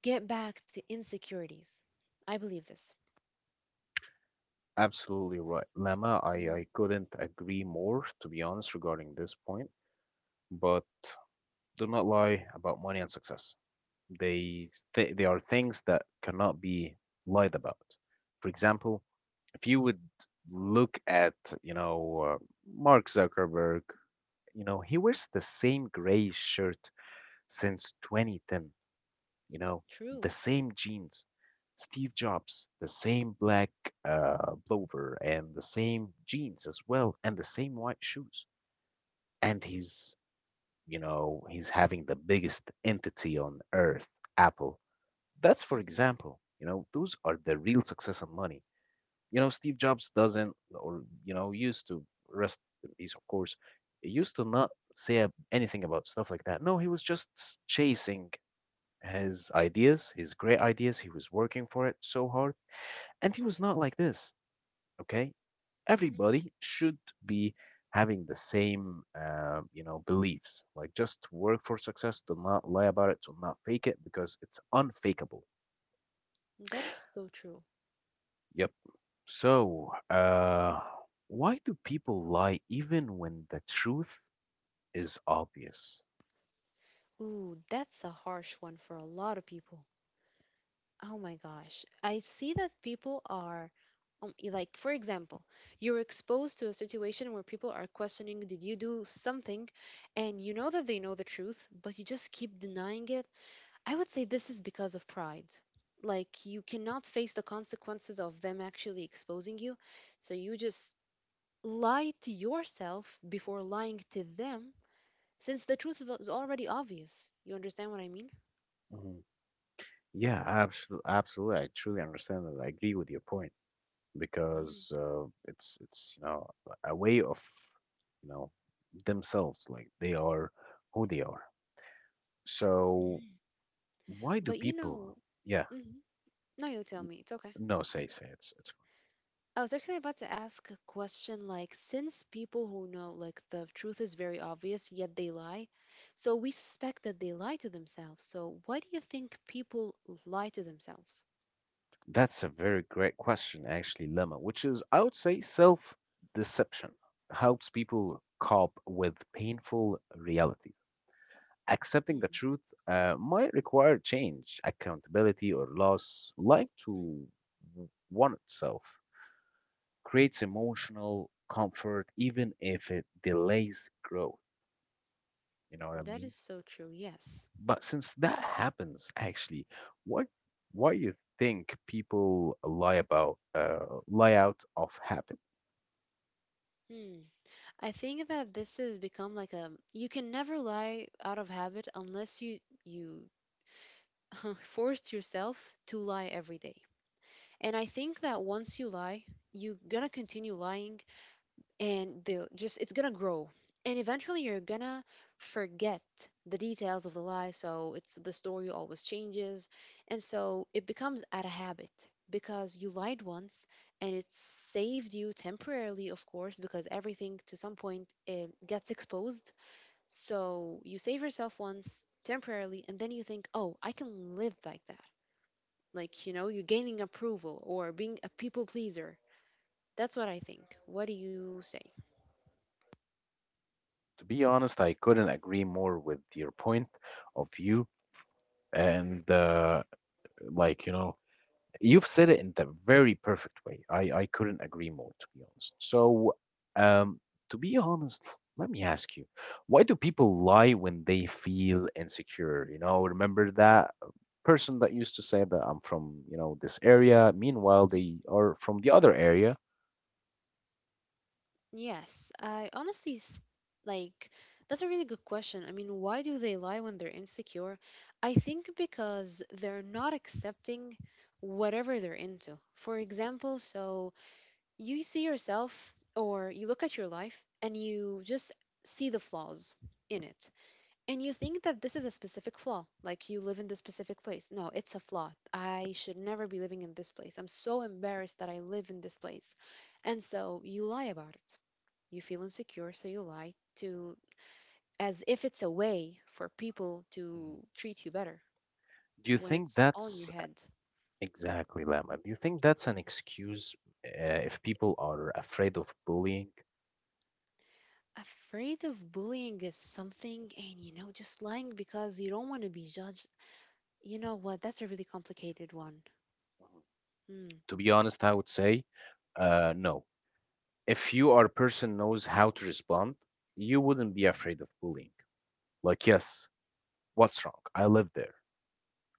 S2: get back to insecurities. I believe this.
S1: Absolutely right, Lemma. I
S2: Mm,
S1: I couldn't agree more, to be honest, regarding this point. But do not lie about money and success. They th they are things that cannot be lied about. For example, if you would look at, you know, Mark Zuckerberg. You know, he wears the same gray shirt since 2010, you know,
S2: true.
S1: the same jeans. Steve Jobs, the same black plover and the same jeans as well, and the same white shoes. And he's, you know, he's having the biggest entity on earth, Apple. That's for
S2: Hmm.
S1: example. You know, those are the real success and money. You know, Steve Jobs doesn't, or, you know, used to, rest in peace, of course, he used to not say anything about stuff like that. No, he was just chasing his ideas, his great ideas. He was working for it so hard. And he was not like this, okay?
S2: Hmm.
S1: Everybody should be having the same, you know, beliefs. Like just work for success, do not lie about it, do not fake it because it's unfakeable.
S2: That is so true.
S1: Yep. So, why do people lie even when the truth is obvious?
S2: Ooh, that's a harsh one for a lot of people. Oh my gosh. I see that people are, like, for example, you're exposed to a situation where people are questioning, did you do something? And you know that they know the truth, but you just keep denying it. I would say this is because of pride. Like, you cannot face the consequences of them actually exposing you. So you just lie to yourself before lying to them, since the truth is already obvious. You understand what I mean?
S1: Mhm. Yeah, absolutely, absolutely. I truly understand that. I agree with your point
S2: Hmm.
S1: because it's you know a way of you know themselves, like they are who they are. So,
S2: Hmm.
S1: why do
S2: But you know,
S1: people? Yeah,
S2: mhm. No, you tell me. It's okay.
S1: no, say it's fine.
S2: I was actually about to ask a question, like, since people who know, like, the truth is very obvious, yet they lie, so we suspect that they lie to themselves. So why do you think people lie to themselves?
S1: That's a very great question, actually, Lemma, which is, I would say, self deception helps people cope with painful realities. Accepting the
S2: Mm,
S1: truth might require change, accountability, or loss, like
S2: mhm.
S1: to one itself, creates emotional comfort, even if it delays growth. You know what I
S2: That is
S1: mean?
S2: so true. Yes.
S1: But since that happens, actually, what why you think people lie about lie out of habit?
S2: Hmm. I think that this has become like a you can never lie out of habit unless you you forced yourself to lie every day. And I think that once you lie, you're gonna continue lying, and they'll just, it's gonna grow, and eventually you're gonna forget the details of the lie, so it's, the story always changes, and so it becomes out of habit because you lied once and it saved you temporarily, of course, because everything to some point it gets exposed. So you save yourself once temporarily, and then you think, oh, I can live like that, like, you know, you're gaining approval or being a people pleaser. That's what I think. What do you say?
S1: To be honest, I couldn't agree more with your point of view. And like, you know, you've said it in the very perfect way. I couldn't agree more, to be honest. So, um, to be honest, let me ask you, why do people lie when they feel insecure? You know, remember that person that used to say that I'm from, you know, this area. Meanwhile, they are from the other area.
S2: Yes, I honestly like, that's a really good question. I mean, why do they lie when they're insecure? I think because they're not accepting whatever they're into. For example, so you see yourself or you look at your life and you just see the flaws in it. And you think that this is a specific flaw, like you live in this specific place. No, it's a flaw. I should never be living in this place. I'm so embarrassed that I live in this place. And so you lie about it. You feel insecure, so you lie to, as if it's a way for people
S1: Mhm.
S2: to treat you better
S1: Do you
S2: when
S1: think
S2: it's all in your
S1: that's
S2: head.
S1: Exactly, Lama. Do you think that's an excuse if people are afraid of bullying?
S2: Afraid of bullying is something, and you know, just lying because you don't want to be judged. You know what? That's a really complicated one. Hmm.
S1: To be honest, I would say no. If you are a person knows how to respond, you wouldn't be afraid of bullying. Like, yes, what's wrong? I live there.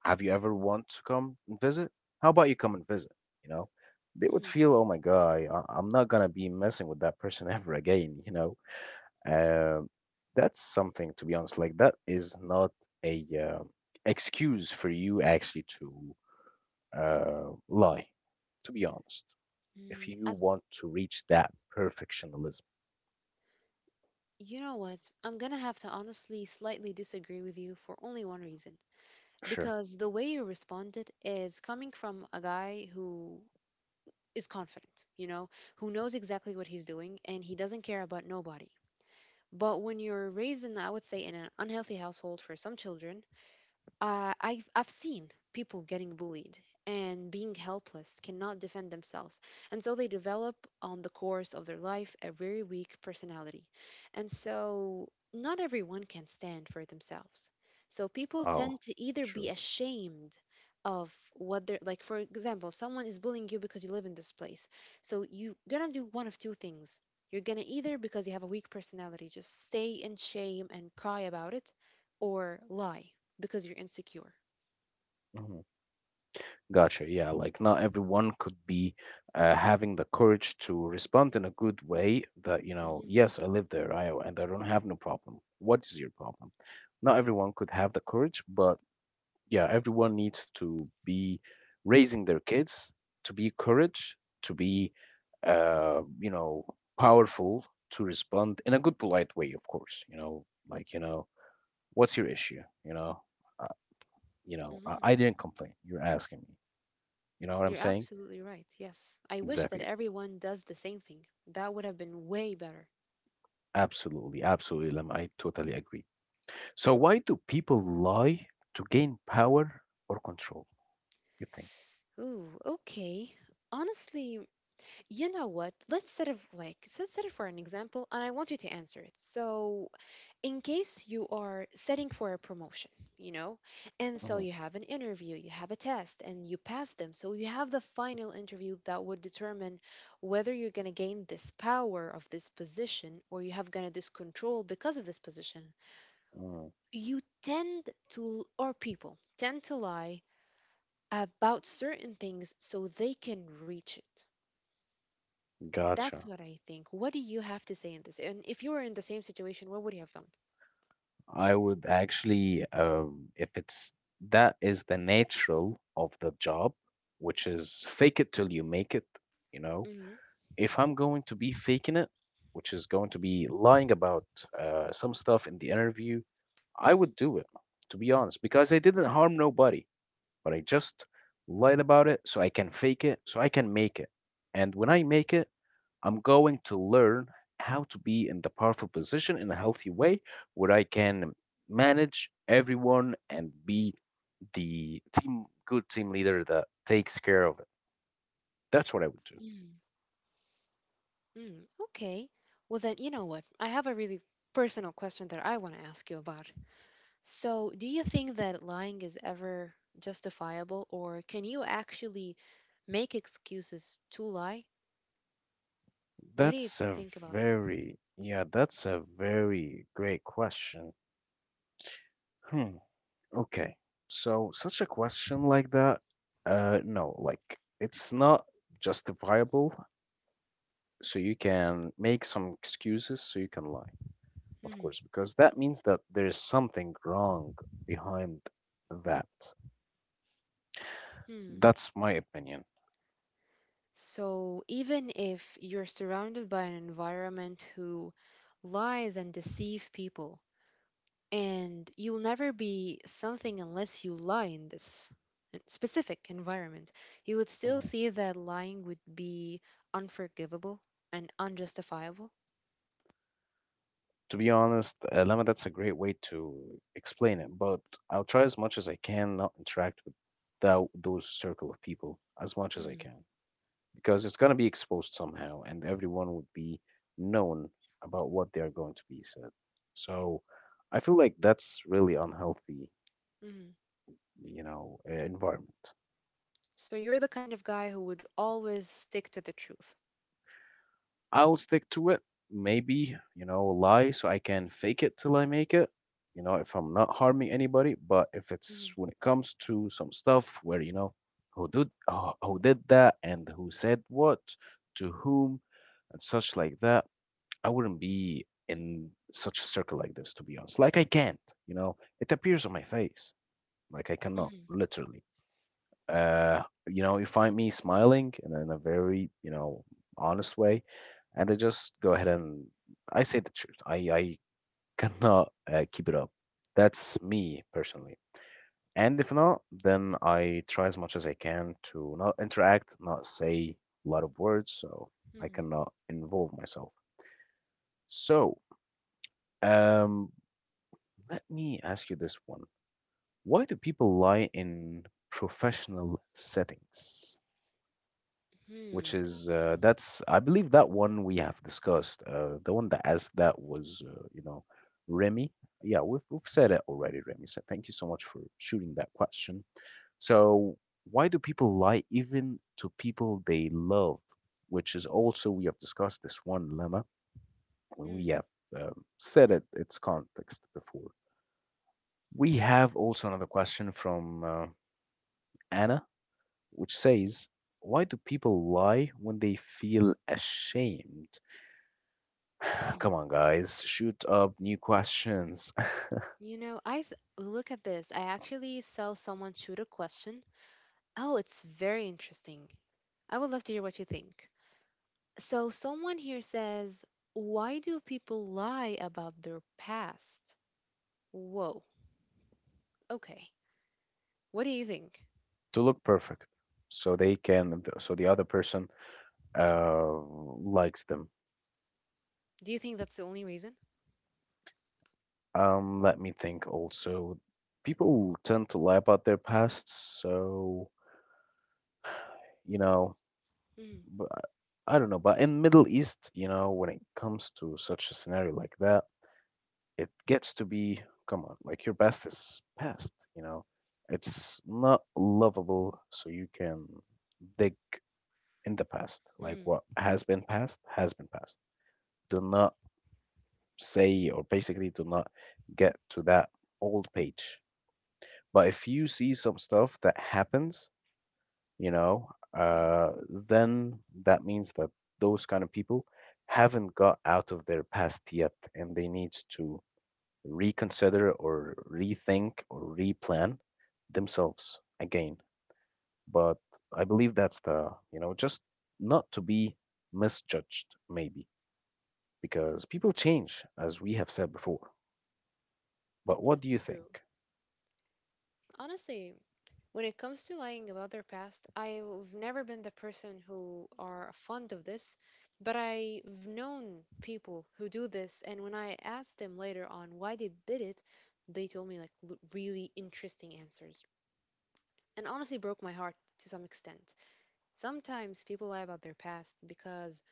S1: Have you ever want to come and visit? How about you come and visit? You know, they would
S2: Mm,
S1: feel, oh my God, I'm not gonna be messing with that person ever again. You know, Uh, that's something, to be honest. Like that is not a excuse for you actually to lie. To be honest, if
S2: mm,
S1: you want to reach that perfectionism,
S2: you know what? I'm gonna have to honestly slightly disagree with you for only one reason.
S1: sure.
S2: Because the way you responded is coming from a guy who is confident, you know, who knows exactly what he's doing and he doesn't care about nobody. But when you're raised in, I would say, in an unhealthy household for some children, I've seen people getting bullied and being helpless, cannot defend themselves. And so they develop, on the course of their life, a very weak personality. And so not everyone can stand for themselves. So people
S1: Oh,
S2: tend to either be
S1: sure.
S2: ashamed of what they're like, for example, someone is bullying you because you live in this place. So you're gonna do one of two things. You're gonna either, because you have a weak personality, just stay in shame and cry about it, or lie because you're insecure.
S1: hmm Gotcha. Yeah, like not everyone could be having the courage to respond in a good way that, you know,
S2: Hmm.
S1: yes, I live there, I and I don't have no problem. What is your problem? Not everyone could have the courage, but yeah, everyone needs to be raising their kids to be courage, to be, you know, powerful, to respond in a good, polite way, of course. You know, like you know, what's your issue? Uh, you know, I,
S2: Hmm.
S1: I didn't complain. You're asking me. You know what I'm
S2: You're
S1: saying?
S2: absolutely right. Yes. I wish that
S1: Exactly.
S2: everyone does the same thing. That would have been way better.
S1: Absolutely, absolutely, Lam. I totally agree. So, why do people lie to gain power or control? You think?
S2: Ooh, okay. Honestly, you know what? Let's set it for an example, and I want you to answer it. So, in case you are setting for a promotion, you know? And so
S1: Mhm,
S2: you have an interview, you have a test, and you pass them. So you have the final interview that would determine whether you're going to gain this power of this position or you have going to this control because of this position.
S1: mm,
S2: You tend to, or people tend to lie about certain things so they can reach it. That's
S1: Gotcha.
S2: what I think. What do you have to say in this? And if you were in the same situation, what would you have done?
S1: I would actually, if it's that is the natural of the job, which is fake it till you make it, you know.
S2: Hmm.
S1: If I'm going to be faking it, which is going to be lying about some stuff in the interview, I
S2: Hmm.
S1: would do it, to be honest, because I didn't harm nobody, but I just lied about it so I can fake it, so I can make it. And when I make it, I'm going to learn how to be in the powerful position in a healthy way where I can manage everyone and be the team good team leader that takes care of it. That's what I would do.
S2: Hmm. Mm, okay. Well, then, you know what? I have a really personal question that I want to ask you about. So, do you think that lying is ever justifiable, or can you actually make excuses to lie? What do you
S1: That's a
S2: think about that?
S1: that's a very great question. Hmm. Okay, so such a question like that, no, like it's not justifiable, so you can make some excuses so you can lie, of
S2: Hmm.
S1: course, because that means that there is something wrong behind that.
S2: Hmm.
S1: That's my opinion.
S2: So, even if you're surrounded by an environment who lies and deceive people, and you'll never be something unless you lie in this specific environment, you would still
S1: Mhm.
S2: see that lying would be unforgivable and unjustifiable.
S1: To be honest, Lemma, that's a great way to explain it, but I'll try as much as I can not interact with thou those circle of people as much as I
S2: Hmm.
S1: can. Because it's going to be exposed somehow and everyone would be known about what they're going to be said, so I feel like that's really unhealthy,
S2: Hmm.
S1: you know, environment.
S2: So you're the kind of guy who would always stick to the truth.
S1: I'll stick to it, maybe you know lie so I can fake it till I make it, you know, if I'm not harming anybody. But if
S2: Mhm.
S1: it's when it comes to some stuff where you know who did that and who said what to whom and such like that, I wouldn't be in such a circle like this, to be honest. Like I can't, you know, it appears on my face. Like I cannot,
S2: Mhm.
S1: literally. Uh, you know, you find me smiling and in a very, you know, honest way, and I just go ahead and I say the truth. I cannot keep it up. That's me personally. And if not, then I try as much as I can to not interact, not say a lot of words, so I
S2: Mhm.
S1: cannot involve myself. So, um, let me ask you this one. Why do people lie in professional settings? Which
S2: Mhm.
S1: is, that's, I believe that one we have discussed. The one that asked that was, Remy. Yeah, we've said it already, Remy. So thank you so much for shooting that question. So, why do people lie even to people they love? Which is also, we have discussed this one, Lemma, when we
S2: Mhm.
S1: have said it, its context before. We have also another question from Anna, which says, why do people lie when they feel ashamed?
S2: Mhm.
S1: Come on, guys, shoot up new questions.
S2: You know, look at this. I actually saw someone shoot a question. Oh, it's very interesting. I would love to hear what you think. So, someone here says, why do people lie about their past? Whoa, okay. What do you think?
S1: To look perfect so they can, so the other person likes them.
S2: Do you think that's the only reason?
S1: Let me think also. People tend to lie about their past, so, you know,
S2: Mm.
S1: b- I don't know, but in Middle East, you know, when it comes to such a scenario like that, it gets to be, come on, like your past is past, you know, it's not lovable, so you can dig in the past. Like
S2: Mm.
S1: what has been past has been past. Do not say, or basically do not get to that old page. But if you see some stuff that happens, you know
S2: Mm.
S1: uh then that means that those kind of people haven't got out of their past yet and they need to reconsider or rethink or replan themselves again. But I believe that's the, you know, just not to be misjudged, maybe, because people change, as we have said before. But what do you
S2: That's true.
S1: think?
S2: Honestly, when it comes to lying about their past, I've never been the person who are fond of this, but I've known people who do this, and when I asked them later on why they did it, they told me like really interesting answers, and honestly broke my heart to some extent. Sometimes people lie about their past because,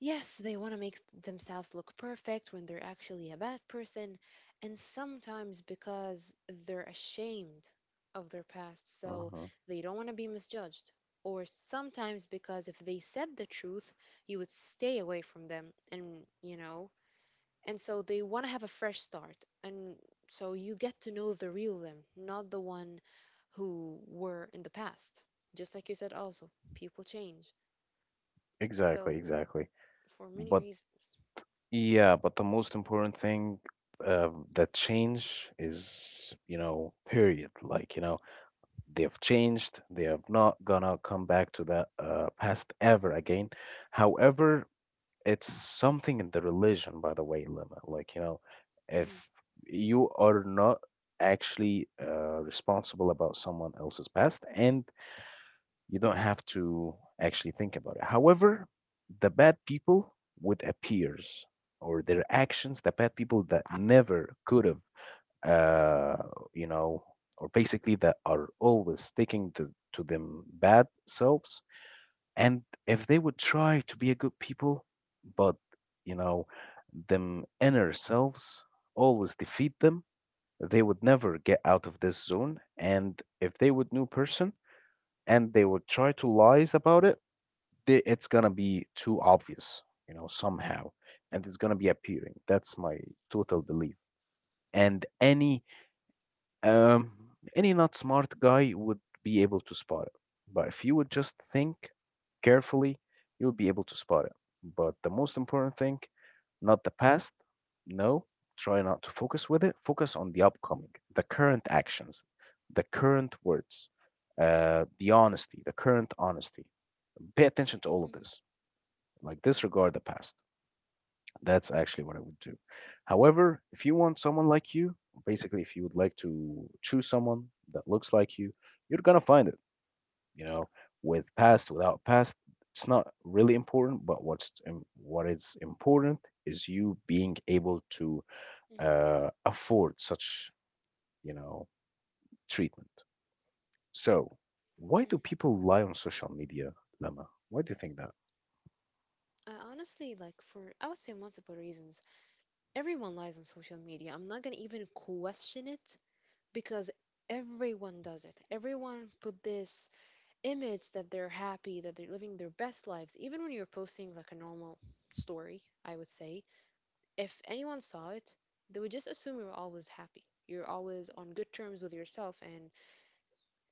S2: yes, they want to make themselves look perfect when they're actually a bad person, and sometimes because they're ashamed of their past, so
S1: Hmm.
S2: they don't want to be misjudged. Or sometimes because if they said the truth, you would stay away from them, and you know, and so they want to have a fresh start. And so you get to know the real them, not the one who were in the past. Just like you said, also, people change.
S1: Exactly,
S2: So
S1: exactly.
S2: for many
S1: But
S2: reasons.
S1: yeah, but the most important thing, that change is, you know, period. Like, you know, they have changed, they are not gonna come back to the past ever again. However, it's something in the religion, by the way, limit, like, you know,
S2: Mm.
S1: if you are not actually responsible about someone else's past, and you don't have to actually think about it. However, the bad people would appears, or their actions, the bad people that never could have, uh, you know, or basically that are always sticking to them bad selves. And if they would try to be a good people, but, you know, them inner selves always defeat them, they would never get out of this zone. And if they would new person and they would try to lies about it, they, it's gonna be too obvious, you know, somehow, and it's gonna be appearing. That's my total belief. And any, Um, any not smart guy would be able to spot it. But if you would just think carefully, you'll be able to spot it. But the most important thing, not the past. No, try not to focus with it. Focus on the upcoming, the current actions, the current words, the honesty, the current honesty. Pay attention to all of
S2: Mm.
S1: this. Like disregard the past. That's actually what I would do. However, if you want someone like you, basically, if you would like to choose someone that looks like you, you're gonna find it, you know, with past, without past, it's not really important, but what's im- what is important is you being able to
S2: Mm.
S1: afford such, you know, treatment. So, why do
S2: Mm.
S1: people lie on social media, Lama? Why do you think that?
S2: I honestly like for I would say multiple reasons. Everyone lies on social media. I'm not gonna even question it because everyone does it. Everyone put this image that they're happy, that they're living their best lives. Even when you're posting like a normal story, I would say, if anyone saw it, they would just assume you're always happy. You're always on good terms with yourself, and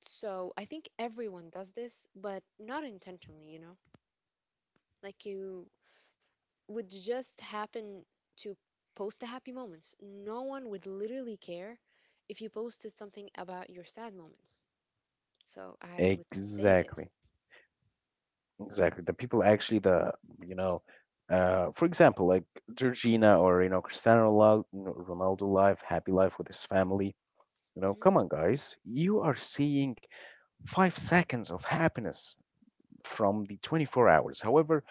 S2: so I think everyone does this, but not intentionally, you know? Like you would just happen to post the happy moments. No one would literally care if you posted something about your sad moments. So I would say this.
S1: Exactly. Exactly. The people actually, the, you know, for example, like Georgina, or, you know, Cristiano Ronaldo, Ronaldo life, happy life with his family. You know,
S2: Hmm.
S1: come on, guys, you are seeing 5 seconds of happiness from the 24 hours. However,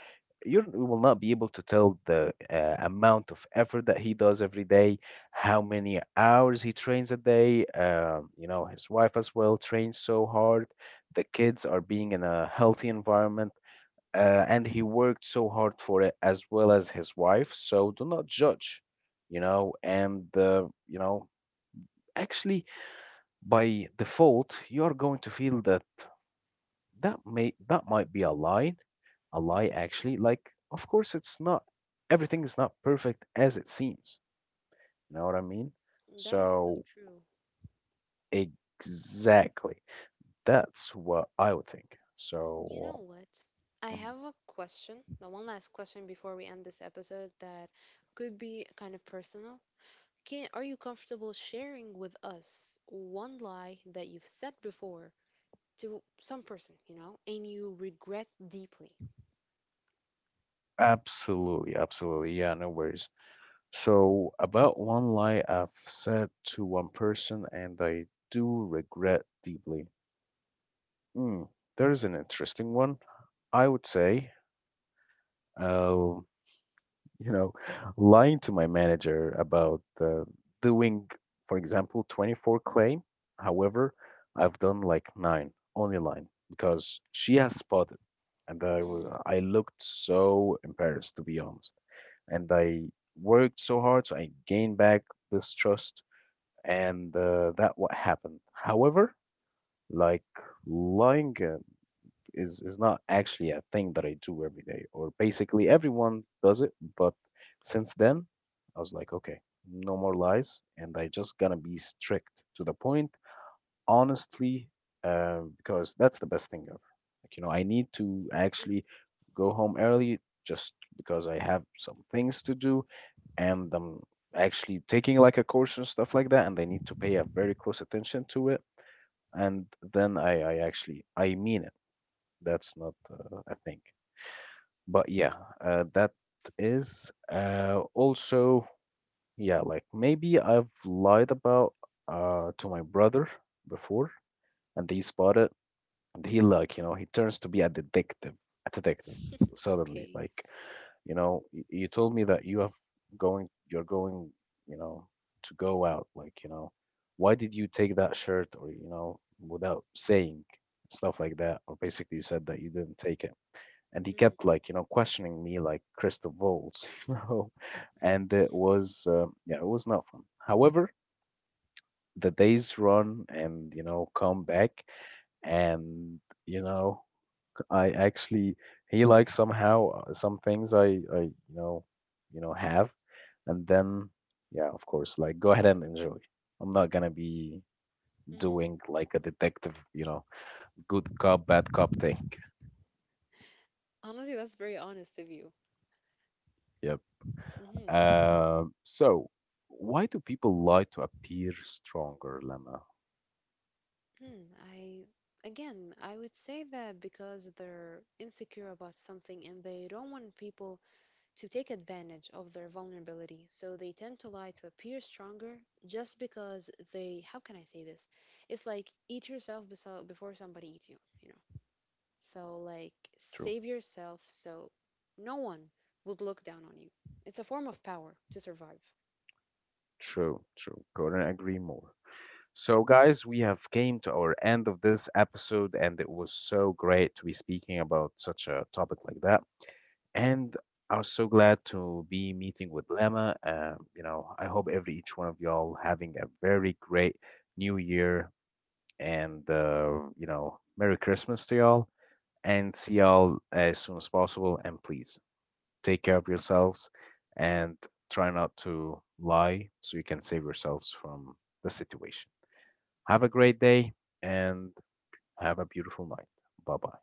S1: you're- you will not be able to tell the amount of effort that he does every day, how many hours he trains a day. You know, his wife as well trains so hard. The kids are being in a healthy environment, and he worked so hard for it as well as his wife. So do not judge, you know, and you know, actually by default you are going to feel that that may that might be a
S2: Hmm.
S1: lie actually. Like of course it's not. Everything is not perfect as it seems. You know what I mean?
S2: That is so
S1: So
S2: true.
S1: exactly, that's what I would think.
S2: You know
S1: So.
S2: what? I have
S1: Mhm.
S2: a question, the one last question before we end this episode that could be kind of personal. Can are you comfortable sharing with us one lie that you've said before to some person, you know, and you regret deeply?
S1: Absolutely, absolutely. Yeah, no worries. So, about one lie I've said to one person and I do regret deeply. Hmm, there's an interesting one. I would say, uh, you know, lying to my manager about doing, for example, 24 claim. However, I've done like nine, only nine, because she has spotted. And I, w- I looked so embarrassed, to be honest. And I worked so hard, so I gained back this trust, and that what happened. However, like lying, is not actually a thing that I do every day, or basically everyone does it. But since then, I was like, okay, no more lies, and I just gonna be strict to the point, honestly, because that's the best thing ever. Like, you know, I need to
S2: Mm.
S1: actually go home early just because I have some things to do and I'm actually taking like a course and stuff like that, and I need to pay a very close attention to it. And then I actually, I mean it. That's not a thing. But yeah, that is also, yeah, like maybe I've lied about, to my brother before, and he spotted, and he like, you know, he turns to be a detective suddenly.
S2: Okay.
S1: Like, you know, y- you told me that you have going, you're going, you know, to go out. Like, you know, why did you take that shirt, or, you know, without saying stuff like that? Or basically you said that you didn't take it. And he
S2: Mm.
S1: kept like, you know, questioning me like Christoph Waltz, you know, and it
S2: Mhm.
S1: was, yeah, it was not fun. However, the days run and, you know, come back and, you know, I actually he likes somehow some things I you know have, and then yeah, of course, like go ahead and enjoy. I'm not gonna be
S2: Mhm.
S1: doing like a detective, you know, good cop, bad cop thing.
S2: Honestly, that's very honest of you.
S1: Yep.
S2: Hmm.
S1: So, why do people lie to appear stronger, Lemma?
S2: I again, I would say that because they're insecure about something and they don't want people to take advantage of their vulnerability, so they tend to lie to appear stronger just because they, how can I say this? It's like eat yourself before somebody eats you, you know. So like
S1: True,
S2: save yourself so no one would look down on you. It's a form of power to survive.
S1: true. Couldn't agree more. So, guys, we have came to our end of this episode, and it was so great to be speaking about such a topic like that. And I was so glad to be meeting with Lema. You know, I hope every each one of y'all having a very great New Year, and you know, Merry Christmas to y'all, and see y'all as soon as possible. And please take care of yourselves, and try not to lie so you can save yourselves from the situation. Have a great day and have a beautiful night. Bye bye.